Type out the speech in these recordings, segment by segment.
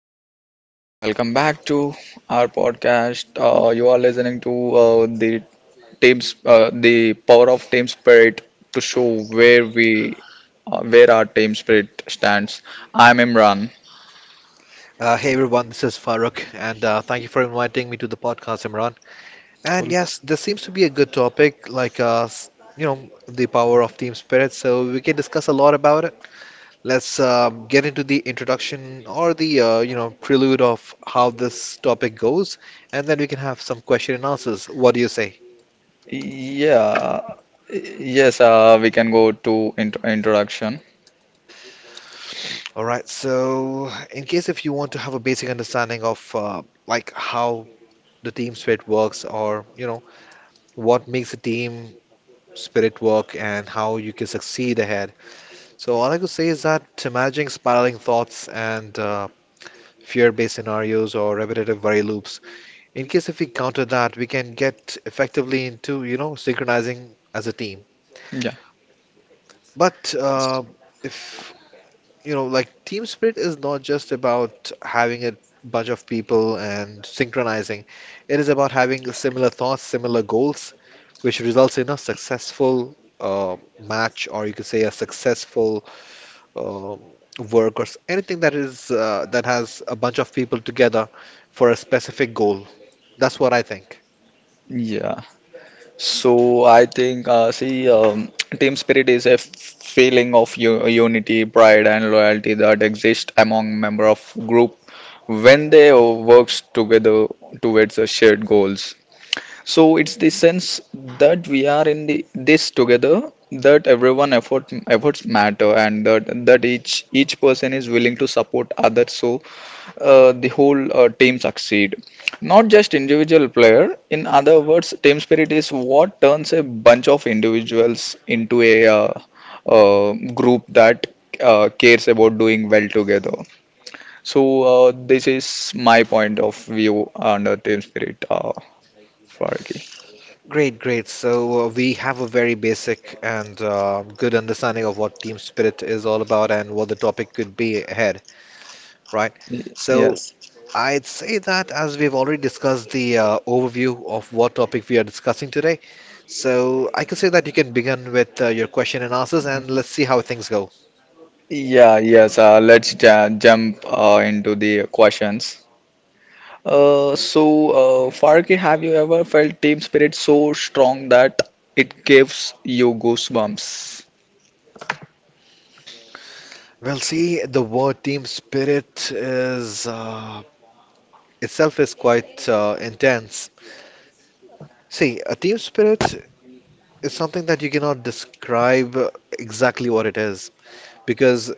everyone, welcome back to our podcast. You are listening to the power of team spirit to show where our team spirit stands. I'm Imran. Hey everyone, this is Farooq, and thank you for inviting me to the podcast, Imran. And Cool. yes, this seems to be a good topic, like the power of team spirit. So we can discuss a lot about it. Let's get into the introduction or the prelude of how this topic goes, and then we can have some question and answers. What do you say? Yeah, yes, we can go to introduction. All right. So in case if you want to have a basic understanding of like how the team spirit works, or what makes a team spirit work and how you can succeed ahead. So, all I could say is that managing spiraling thoughts and fear-based scenarios or repetitive worry loops. In case if we counter that, we can get effectively into, you know, synchronizing as a team. Yeah. But if like team spirit is not just about having a bunch of people and synchronizing. It is about having similar thoughts, similar goals, which results in a successful match, or you could say a successful um, work, or anything that is that has a bunch of people together for a specific goal. That's what I think. Yeah. So I think, see, team spirit is a feeling of unity, pride, and loyalty that exist among member of group when they works together towards the shared goals. So it's the sense that we are in the this together, that everyone efforts matter, and that each person is willing to support others so the whole team succeed. Not just individual player. In other words, team spirit is what turns a bunch of individuals into a group that cares about doing well together. So, this is my point of view on team spirit, Farki. Great, great. So we have a very basic and good understanding of what team spirit is all about and what the topic could be ahead, right? So Yes. I'd say that as we've already discussed the overview of what topic we are discussing today, so I could say that you can begin with your question and answers and let's see how things go. Yeah, yes. Let's ja jump into the questions. So, Farki, have you ever felt team spirit so strong that it gives you goosebumps? Well, see, the word team spirit is itself is quite intense. See, a team spirit is something that you cannot describe exactly what it is because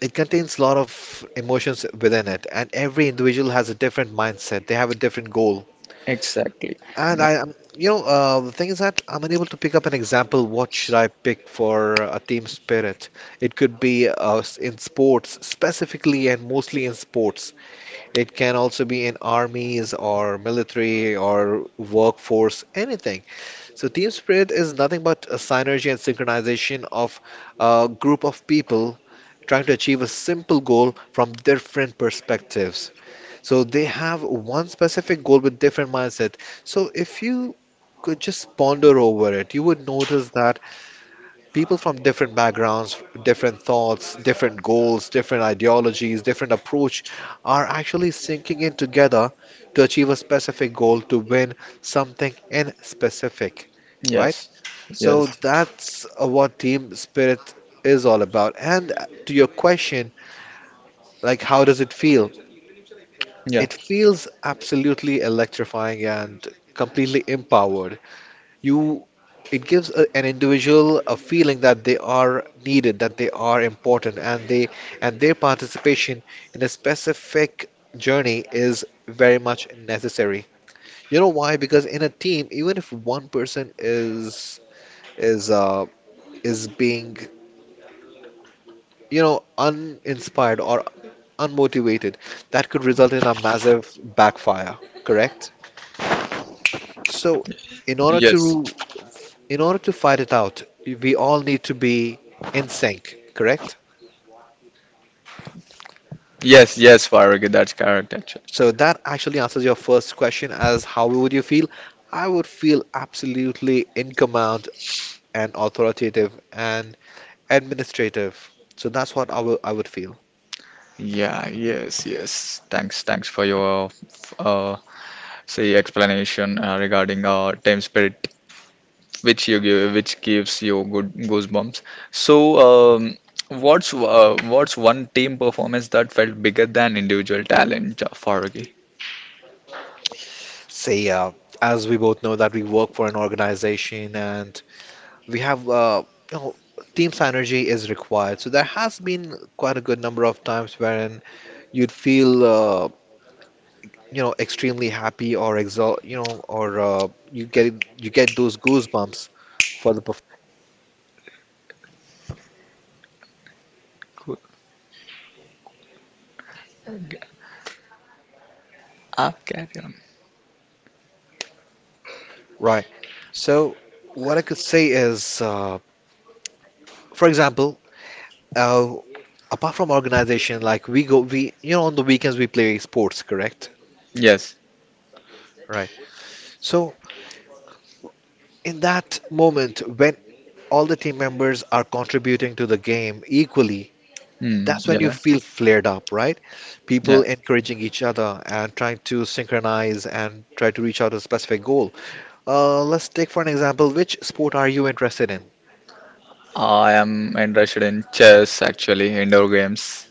it contains a lot of emotions within it, and every individual has a different mindset. They have a different goal. Exactly. And Yeah. The thing is that I'm unable to pick up an example. What should I pick for a team spirit? It could be in sports, specifically and mostly in sports. It can also be in armies or military or workforce, anything. So, team spirit is nothing but a synergy and synchronization of a group of people trying to achieve a simple goal from different perspectives. So they have one specific goal with different mindset. So if you could just ponder over it, you would notice that people from different backgrounds, different thoughts, different goals, different ideologies, different approach are actually sinking in together to achieve a specific goal to win something in specific, right? Yes. So Yes. that's what team spirit is all about. And to your question, like how does it feel? Yeah. It feels absolutely electrifying and completely empowered. You, it gives an individual a feeling that they are needed, that they are important, and they and their participation in a specific journey is very much necessary. You know why? Because in a team, even if one person is uh, is being uninspired or unmotivated, that could result in a massive backfire. Correct? So, in order Yes. to in order to fight it out, we all need to be in sync, correct? Yes. Yes, Farki, that's correct actually. So that actually answers your first question as how would you feel? I would feel absolutely in command and authoritative and administrative. So that's what I would feel. Yeah. Yes. Yes. Thanks. Thanks for your uh, say explanation regarding our team spirit, which you give, which gives you good goosebumps. So, um, what's one team performance that felt bigger than individual talent, Farooqi? Say, as we both know that we work for an organization and we have you know team synergy is required. So there has been quite a good number of times wherein you'd feel extremely happy or exalt, or you get those goosebumps for the Cool. Ah, carry on. right. So what I could say is, for example, uh, apart from organization, like we go, we you know, on the weekends we play sports, correct? Yes. Right. So in that moment when all the team members are contributing to the game equally, Hmm. that's when you Yeah. feel flared up, right? People Yes. encouraging each other and trying to synchronize and try to reach out a specific goal. Let's take for an example, which sport are you interested in? I am interested in chess actually, indoor games.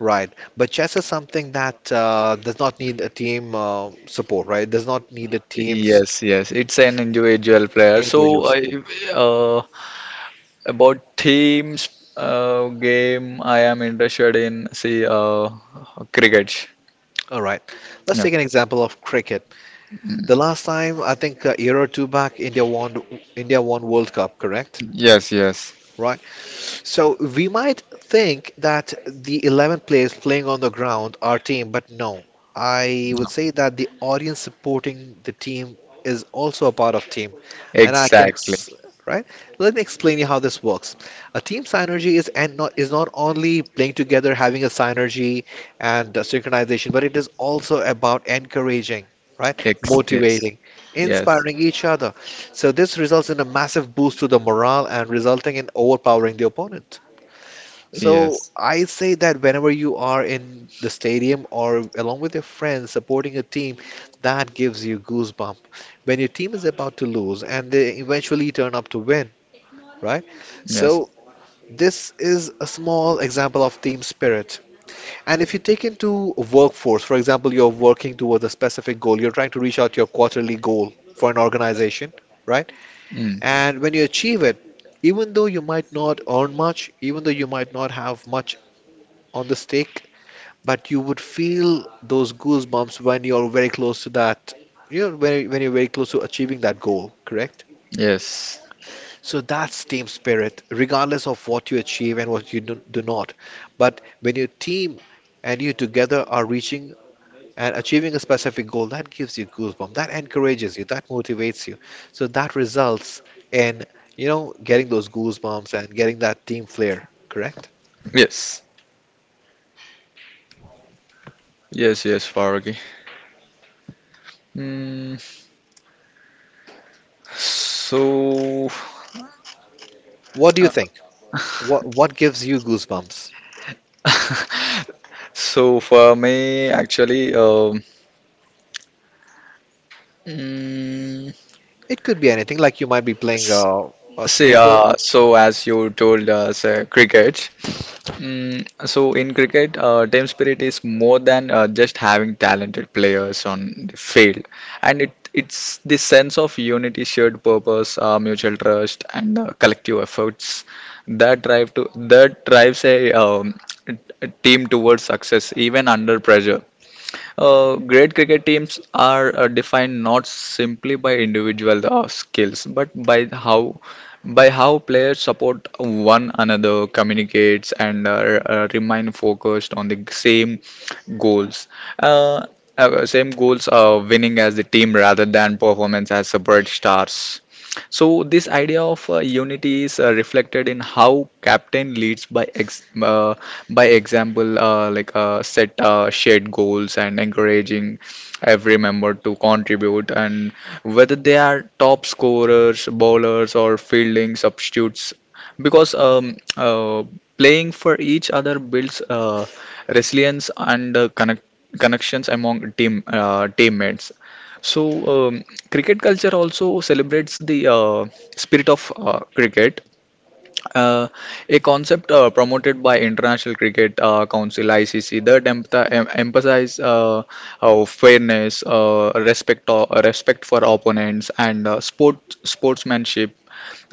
Right. But chess is something that does not need a team support, right? Does not need a team's Yes, yes, it's an individual player. individual So, support. uh, about teams, game, I am interested in, see, cricket. All right. Let's Yeah. take an example of cricket. The last time, I think a year or two back, India won World Cup, correct? Yes, yes, Right. So we might think that the 11 players playing on the ground are team, but no. I would say that the audience supporting the team is also a part of team. And I can, exactly. ex Right? Let me explain you how this works. A team synergy is not only playing together, having a synergy and synchronization, but it is also about encouraging, right? Ex Yes, Motivating, yes, inspiring each other. So this results in a massive boost to the morale and resulting in overpowering the opponent. So yes, I say that whenever you are in the stadium or along with your friends supporting a team, that gives you goosebump. When your team is about to lose and they eventually turn up to win, right? yes, So this is a small example of team spirit. And if you take into workforce, for example, you're working towards a specific goal, you're trying to reach out to your quarterly goal for an organization, right? mm, And when you achieve it, even though you might not earn much, even though you might not have much on the stake, but you would feel those goosebumps when you're very close to that, when you're very close to achieving that goal, correct? yes, So that's team spirit, regardless of what you achieve and what you do, do not. But when your team and you together are reaching and achieving a specific goal, that gives you goosebumps, that encourages you, that motivates you, so that results in getting those goosebumps and getting that team flair, correct? yes, yes, yes, Faragi. Mm, so, What do you uh, think? What gives you goosebumps? so, for me, actually, mm, It could be anything, like you might be playing a see, snooker. So as you told us, cricket. Mm, so in cricket, team spirit is more than just having talented players on the field, and it's the sense of unity, shared purpose, mutual trust, and collective efforts that drives a team towards success, even under pressure. Great cricket teams are defined not simply by individual skills, but by how players support one another, communicates, and remain focused on the same goals. Uh, Same goals are winning as the team rather than performance as separate stars. So this idea of unity is reflected in how captain leads by example, like set shared goals and encouraging every member to contribute. And whether they are top scorers, bowlers, or fielding substitutes, because playing for each other builds resilience and connections among teammates. So um, cricket culture also celebrates the spirit of cricket. Uh, a concept promoted by International Cricket Council (ICC) that emphasize fairness, respect, respect for opponents, and sportsmanship,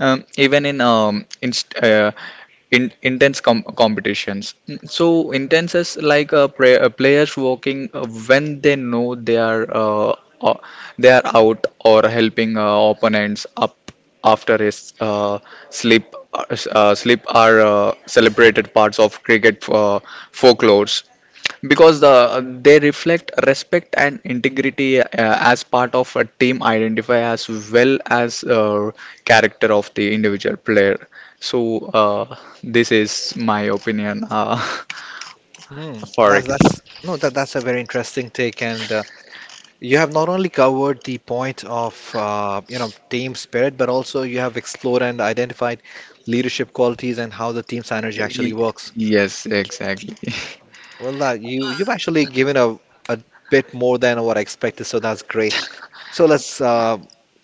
even in intense competitions. So intense is like pra players working when they know they are uh, uh, they are out, or helping opponents up after a slip, are celebrated parts of cricket folklores because they reflect respect and integrity as part of a team identify as well as character of the individual player. So, this is my opinion, Hmm. for Ricky. That's no that That's a very interesting take, and you have not only covered the point of team spirit, but also you have explored and identified leadership qualities and how the team synergy actually Y- works. yes, exactly. Well, that you've actually given a bit more than what I expected, so that's great. So let's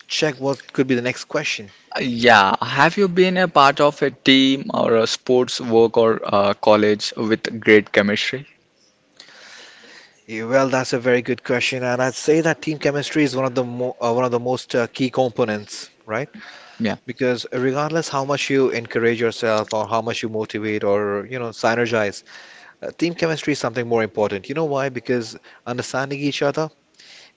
check what could be the next question. Yeah, have you been a part of a team or a sports work or college with great chemistry? Yeah, well, that's a very good question, and I'd say that team chemistry is one of the most key components, right? Yeah. Because regardless how much you encourage yourself or how much you motivate or synergize, team chemistry is something more important. You know why? Because understanding each other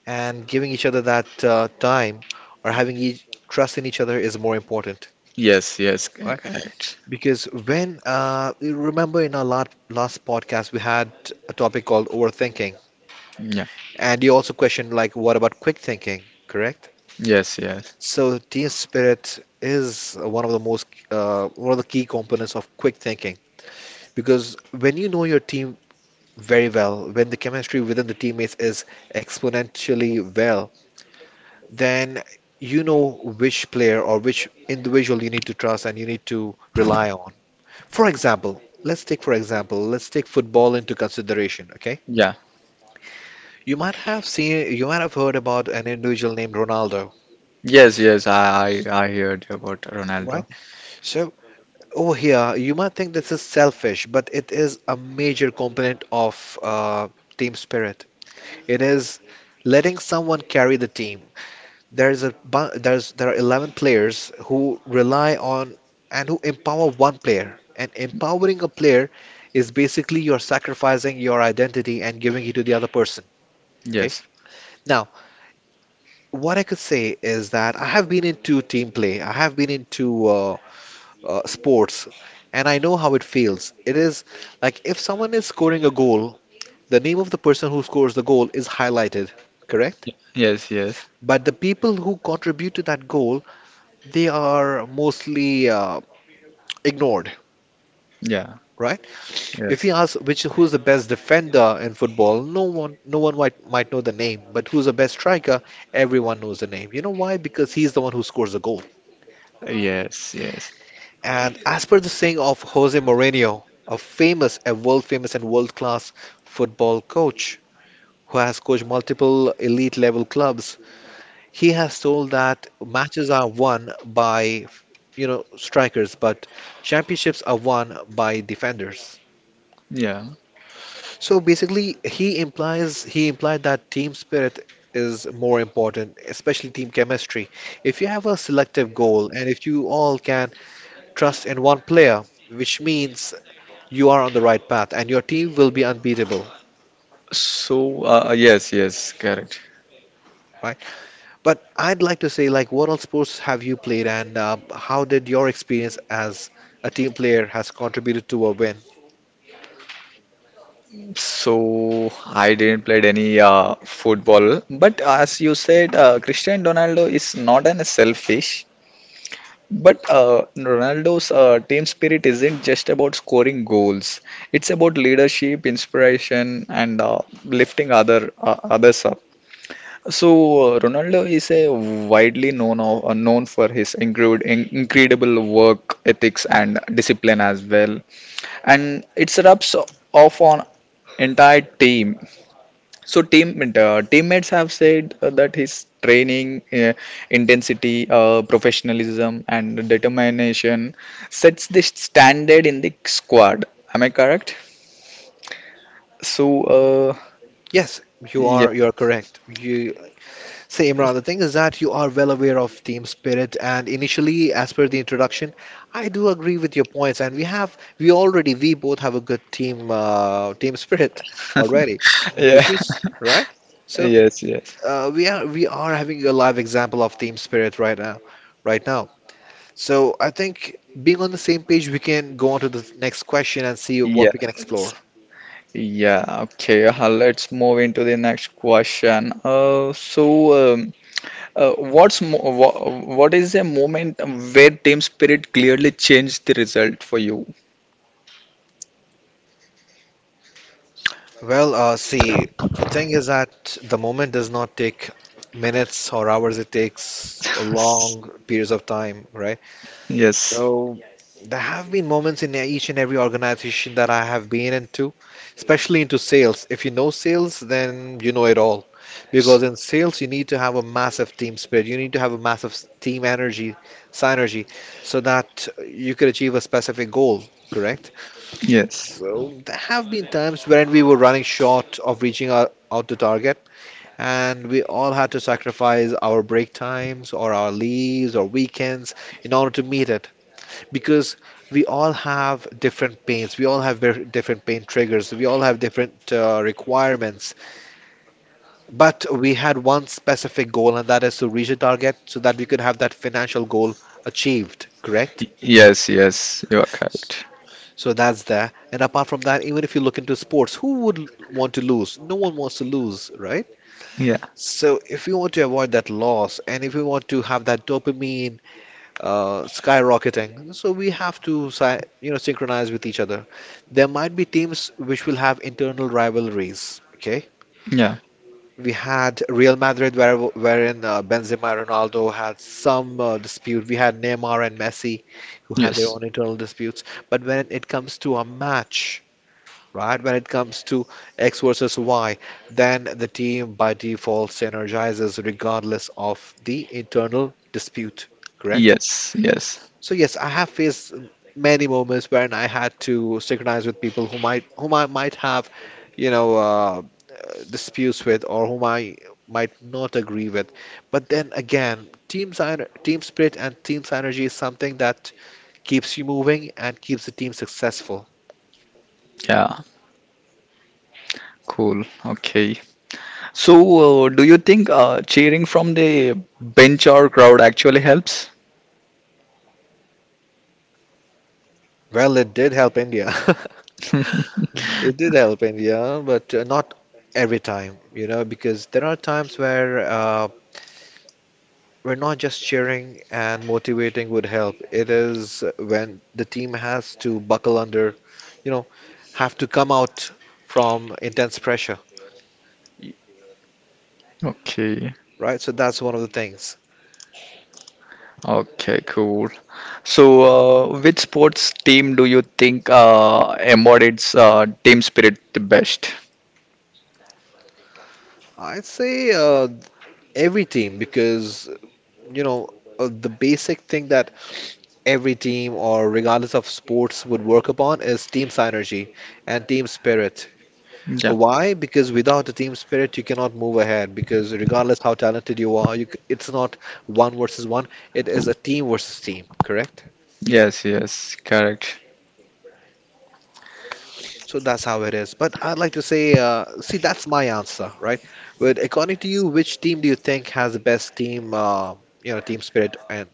and giving each other that time or having each trust in each other is more important. Yes, yes, Right? correct. Because when you remember in our last podcast we had a topic called overthinking, Yeah. and you also questioned like what about quick thinking, correct? Yes. Yes. So team spirit is one of the key components of quick thinking because when you know your team very well, when the chemistry within the teammates is exponentially well, then you know which player or which individual you need to trust and you need to rely on. For example, let's take football into consideration, okay? Yeah. You might have seen, you might have heard about an individual named Ronaldo, Yes, yes, I heard about Ronaldo. right? So over here, you might think this is selfish, but it is a major component of team spirit. It is letting someone carry the team. There's a bu- there's There are 11 players who rely on and who empower one player. And empowering a player is basically you're sacrificing your identity and giving it to the other person. Okay. Yes, Now, what I could say is that I have been into team play. I have been into sports, and I know how it feels. It is like if someone is scoring a goal, the name of the person who scores the goal is highlighted, correct? yes, yes, But the people who contribute to that goal, they are mostly ignored, yeah, right? If yes, you ask which who's the best defender in football, no one might know the name, but who's the best striker, everyone knows the name. You know why? Because he's the one who scores the goal. yes, yes, And as per the saying of Jose Mourinho, a world famous and world class football coach who has coached multiple elite level clubs, he has told that matches are won by strikers, but championships are won by defenders. yeah. So basically, he implied that team spirit is more important, especially team chemistry. If you have a selective goal and if you all can trust in one player, which means you are on the right path and your team will be unbeatable, So, yes, yes, correct. right? But I'd like to say, like, what all sports have you played and how did your experience as a team player has contributed to a win? So, I didn't played any football, but as you said, Cristiano Ronaldo is not an selfish. But Ronaldo's team spirit isn't just about scoring goals. It's about leadership, inspiration, and lifting others up. So, Ronaldo is a widely known for his incredible work ethics and discipline as well, and it rubs off on entire team. So, teammates have said that his training intensity, professionalism, and determination sets the standard in the squad. Am I correct? So, uh, Yes, yeah. You're correct. You say Imran, the thing is that you are well aware of team spirit and initially as per the introduction, I do agree with your points and we both have a good team team spirit already, Yeah. which means right? So Yes, yes, we are having a live example of team spirit right now, right now. So I think being on the same page, we can go on to the next question and see yeah. what we can explore. Yeah, okay. Let's move into the next question. So, what is a moment where team spirit clearly changed the result for you? Well, see, the thing is that the moment does not take minutes or hours. It takes long periods of time, right? Yes, So there have been moments in each and every organization that I have been into, especially into sales. If you know sales, then you know it all. Because in sales, you need to have a massive team spirit. You need to have a massive team energy, synergy, so that you could achieve a specific goal, correct? yes, So there have been times when we were running short of reaching our, out to target, and we all had to sacrifice our break times or our leaves or weekends in order to meet it because we all have different pains, we all have different pain triggers, we all have different requirements. But we had one specific goal, and that is to reach a target so that we could have that financial goal achieved, correct? yes, yes, you are S- correct. So that's there. And apart from that, even if you look into sports, who would want to lose? No one wants to lose, right? Yeah. So if we want to avoid that loss and if we want to have that dopamine skyrocketing. So we have to, you know, synchronize with each other. There might be teams which will have internal rivalries. Okay, Yeah. we had Real Madrid, wherein Benzema and Ronaldo had some dispute. We had Neymar and Messi, who had their Yes, own internal disputes. But when it comes to a match. Right when it comes to X versus Y, then the team by default synergizes regardless of the internal dispute. Correct? yes, yes. So yes, I have faced many moments when I had to synchronize with people whom I might have, you know, disputes with or whom I might not agree with. But then again, team spirit and team synergy is something that keeps you moving and keeps the team successful. Yeah. Cool. Okay. So, do you think cheering from the bench or crowd actually helps? Well, it did help India. It did help India, but not every time, you know, because there are times where we're not just cheering and motivating would help. It is when the team has to buckle under, you know, have to come out from intense pressure, Okay. right? So that's one of the things. Okay, cool. So, which sports team do you think embodies team spirit the best? I'd say every team because, you know, the basic thing that every team or regardless of sports would work upon is team synergy and team spirit. Yeah. Why? Because without a team spirit, you cannot move ahead. Because regardless how talented you are, it's not one versus one. It is a team versus team, correct? Yes, yes, correct. So that's how it is. But I'd like to say, see, that's my answer, right? But according to you, which team do you think has the best team, you know, team spirit? And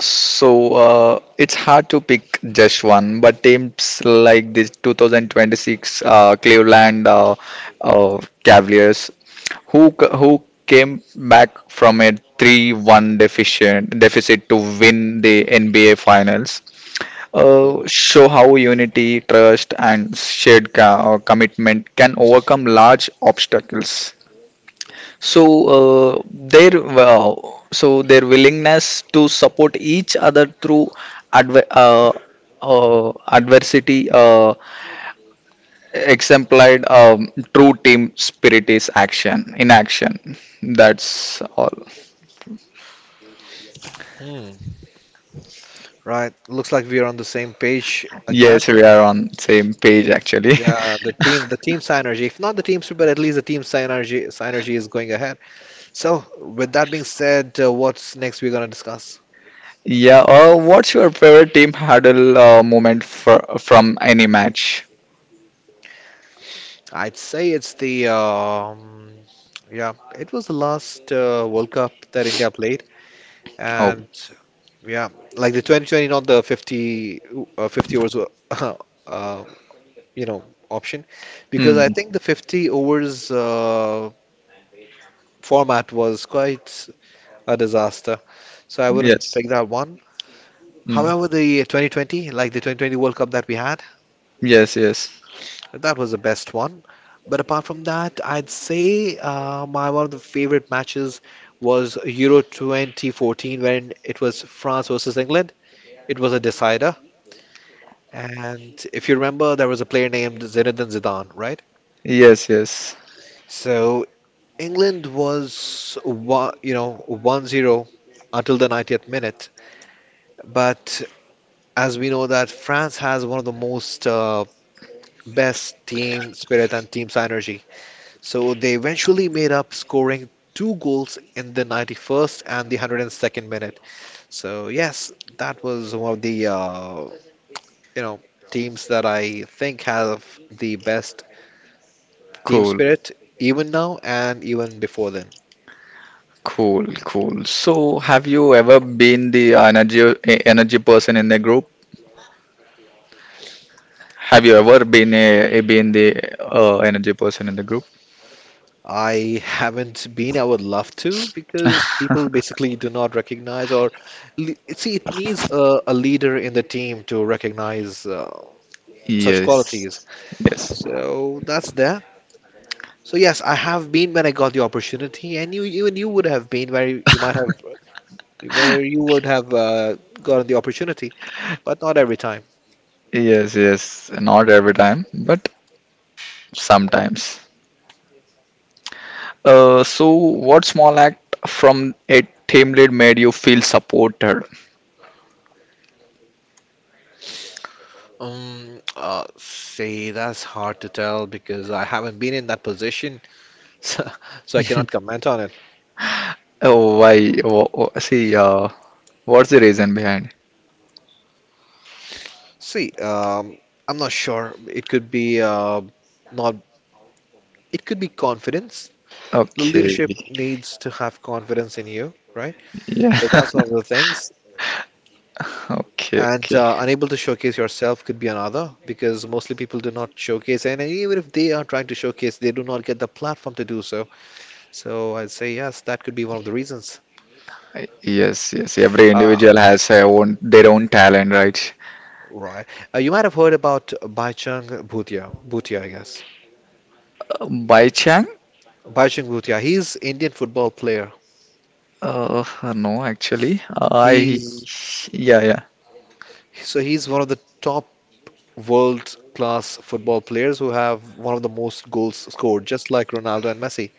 So, it's hard to pick just one, but teams like this 2026 Cleveland Cavaliers, who came back from a 3-1 deficient deficit to win the NBA Finals. Show how unity, trust, and shared commitment can overcome large obstacles. So uh, their uh, their willingness to support each other through adver- uh, adversity exemplified true team spirit is action in action. That's all. hmm, right, looks like we are on the same page again. Yes, we are on same page actually. Yeah, the team synergy. If not the team spirit, but at least the team synergy, synergy is going ahead. So, with that being said, what's next we're gonna discuss? Yeah. What's your favorite team huddle moment from any match? I'd say it's the yeah, it was the last World Cup that India played, Oh. and yeah, like the 2020, not the 50 50 overs, uh, you know, option, because I Mm. think the 50 overs format was quite a disaster, so I wouldn't Yes. pick that one. Mm. However, the 2020, like the 2020 World Cup that we had, Yes. Yes. that was the best one. But apart from that, I'd say my one of the favorite matches was Euro 2014 when it was France versus England. It was a decider. And if you remember, there was a player named Zinedine Zidane, right? Yes. Yes. So England was one, you know, 1-0 until the 90th minute. But as we know that France has one of the most best team spirit and team synergy. So they eventually made up, scoring two goals in the 91st and the 102nd minute. So yes, that was one of the you know teams that I think have the best team Cool. spirit, even now and even before then. Cool. Cool. So, have you ever been the energy person in the group? Have you ever been a been the energy person in the group? I haven't been. I would love to because people basically do not recognize or see it needs a leader in the team to recognize such qualities. Yes. Yes. So that's there. So yes, I have been when I got the opportunity, and you even you would have been where you might have where you would have gotten the opportunity, but not every time. Yes. Yes. Not every time, but sometimes. So, what small act from a team lead made you feel supported? See, that's hard to tell because I haven't been in that position, so, so I cannot comment on it. Oh, why? See, what's the reason behind it? See, um, I'm not sure. It could be not. It could be confidence. The Okay, leadership needs to have confidence in you, right? So that's yeah, one of the things. okay, And okay. Unable to showcase yourself could be another because mostly people do not showcase, and even if they are trying to showcase, they do not get the platform to do so. So I'd say yes, that could be one of the reasons. Yes, yes. Every uh, individual has their own talent, right? right. You might have heard about Baichang Bhutia, I guess. By Chang? Baichang Bhutia, he's Indian football player. Uh, no, actually. I. He's Yeah, yeah. So he's one of the top world class football players who have one of the most goals scored just like Ronaldo and Messi,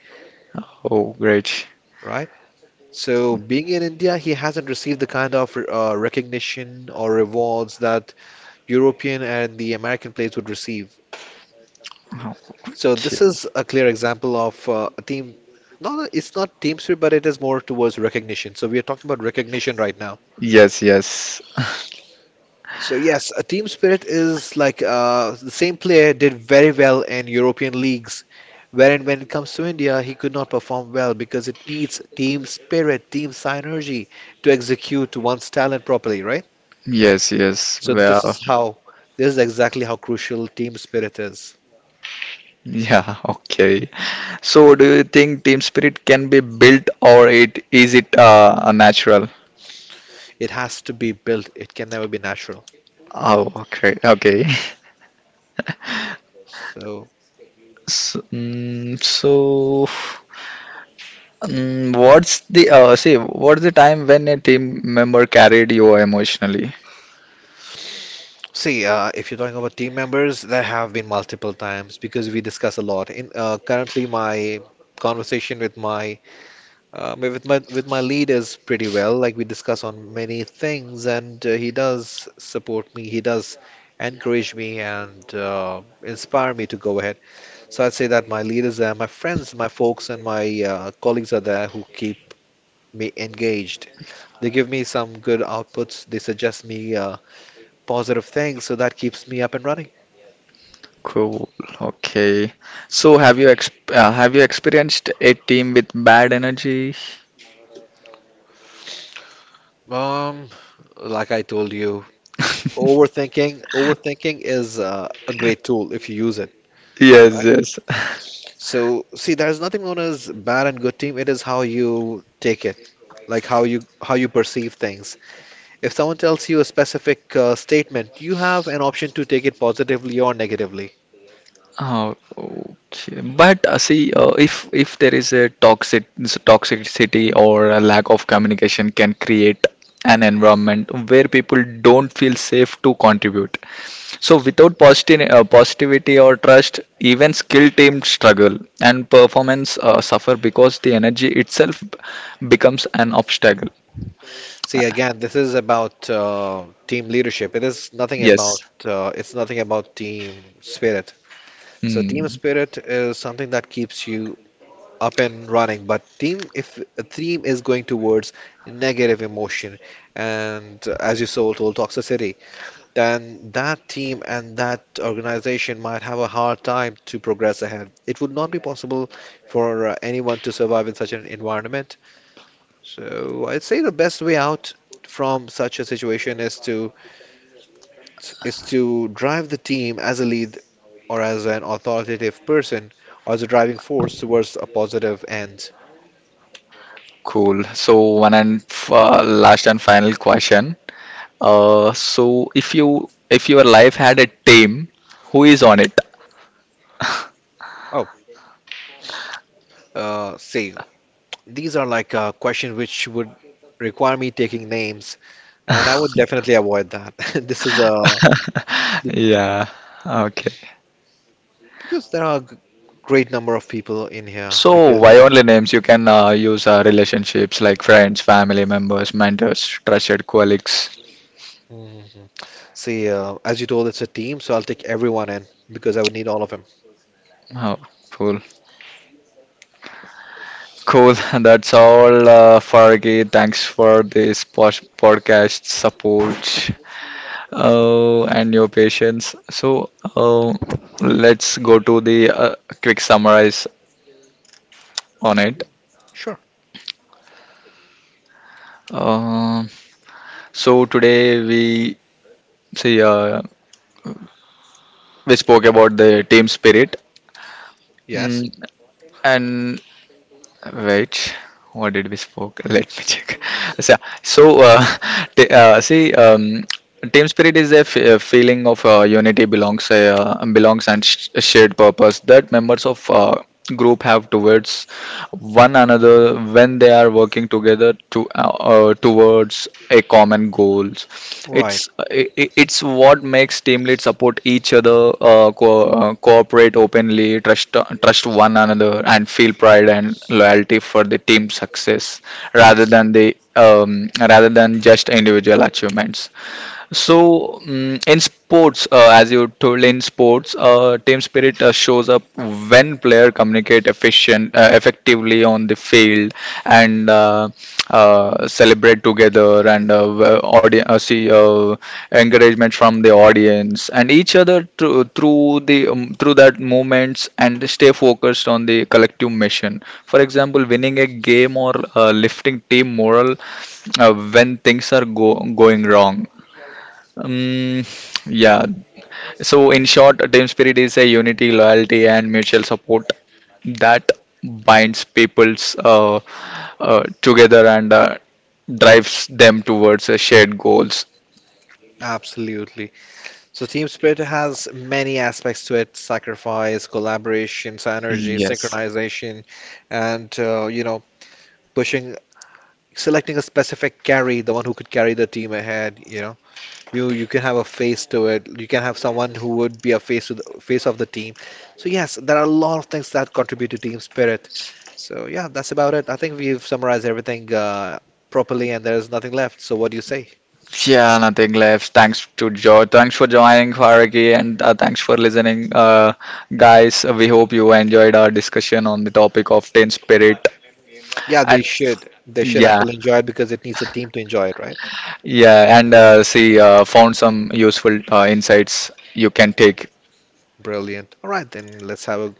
Oh, great. right. So, being in India, he hasn't received the kind of recognition or rewards that European and the American players would receive. So, this Okay. is a clear example of a team. No, no, it's not team spirit, but it is more towards recognition. So, we are talking about recognition right now. Yes, yes. So, yes, a team spirit is like the same player did very well in European leagues, wherein when it comes to India, he could not perform well because it needs team spirit, team synergy to execute one's talent properly, right? Yes, yes. So this Well, is how this is exactly how crucial team spirit is. yeah, okay. So, do you think team spirit can be built, or it is it natural? It has to be built. It can never be natural. Oh, okay, okay. So So, what's the see? What's the time when a team member carried you emotionally? see, if you're talking about team members, there have been multiple times because we discuss a lot. In currently, my conversation with my with my lead is pretty well. Like we discuss on many things, and he does support me. He does encourage me and inspire me to go ahead. So I'd say that my leaders are my friends, my folks, and my colleagues are there who keep me engaged. They give me some good outputs. They suggest me positive things, so that keeps me up and running. Cool. Okay. So, have you experienced a team with bad energy? Um, like I told you, overthinking is a great tool if you use it, Yes, right? yes. So see, there's nothing known as bad and good team. It is how you take it, like how you perceive things. If someone tells you a specific statement, you have an option to take it positively or negatively. Oh, okay. But see, if there is a toxicity or a lack of communication can create an environment where people don't feel safe to contribute. So without positive positivity or trust, even skilled teams struggle and performance suffer because the energy itself becomes an obstacle. See, again, this is about team leadership. Yes. It's nothing about team spirit. So team Hmm. spirit is something that keeps you up and running. But team, if a team is going towards negative emotion and, as you so told, toxicity, then that team and that organization might have a hard time to progress ahead. It would not be possible for anyone to survive in such an environment. So I'd say the best way out from such a situation is to drive the team as a lead or as an authoritative person or as a driving force towards a positive end. Cool. So last and final question. So, if your life had a team, who is on it? Oh, see, these are like questions which would require me taking names, and I would definitely avoid that. This is a Yeah. Okay. because there are great number of people in here. So why Because only names? You can use relationships like friends, family members, mentors, trusted colleagues. mhm, see, as you told, it's a team, so I'll take everyone in because I would need all of them. Oh, cool. Cool. That's all, Fargi. Thanks for this pos podcast support. Oh, and your patience. So, uh, let's go to the quick summarize on it. Sure. Um So today see uh, we spoke about the team spirit, Yes. mm, and wait, what did we spoke? Let me check. so, so, see, team spirit is a feeling of unity, belongs and a shared purpose that members of group have towards one another when they are working together to towards a common goals. It's Right. uh, i i- it's what makes team lead support each other, cooperate openly, trust one another, and feel pride and loyalty for the team success, rather than Absolutely. the um, rather than just individual achievements. True. So, in sports, as you told in sports, team spirit shows up when player effectively on the field, and celebrate together, and audience see encouragement from the audience and each other through that moments, and stay focused on the collective mission. For example, winning a game or lifting team moral when things are going wrong. um, yeah. So in short, a team spirit is a unity, loyalty, and mutual support that binds people's together and drives them towards shared goals. Absolutely. So team spirit has many aspects to it: sacrifice, collaboration, synergy, Yes. synchronization, and you know, pushing, selecting a specific carry, the one who could carry the team ahead. You know. You can have a face to it. You can have someone who would be a face to the face of the team. So yes, there are a lot of things that contribute to team spirit. So yeah, that's about it. I think we've summarized everything properly, and there's nothing left. So what do you say? Yeah, nothing left. Thanks to Joe. Thanks for joining, Faraki, and thanks for listening, guys. We hope you enjoyed our discussion on the topic of team spirit. Yeah, they And should. They should yeah. actually enjoy it because it needs a team to enjoy it, right? Yeah, and see, found some useful insights you can take. Brilliant. All right, then let's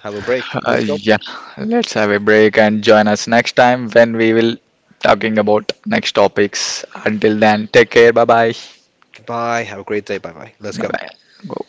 have a break. Let's go. Yeah, let's have a break and join us next time when we will talking about next topics. Until then, take care. Bye bye. Goodbye. Have a great day. Bye bye. Let's Bye go. bye. Go.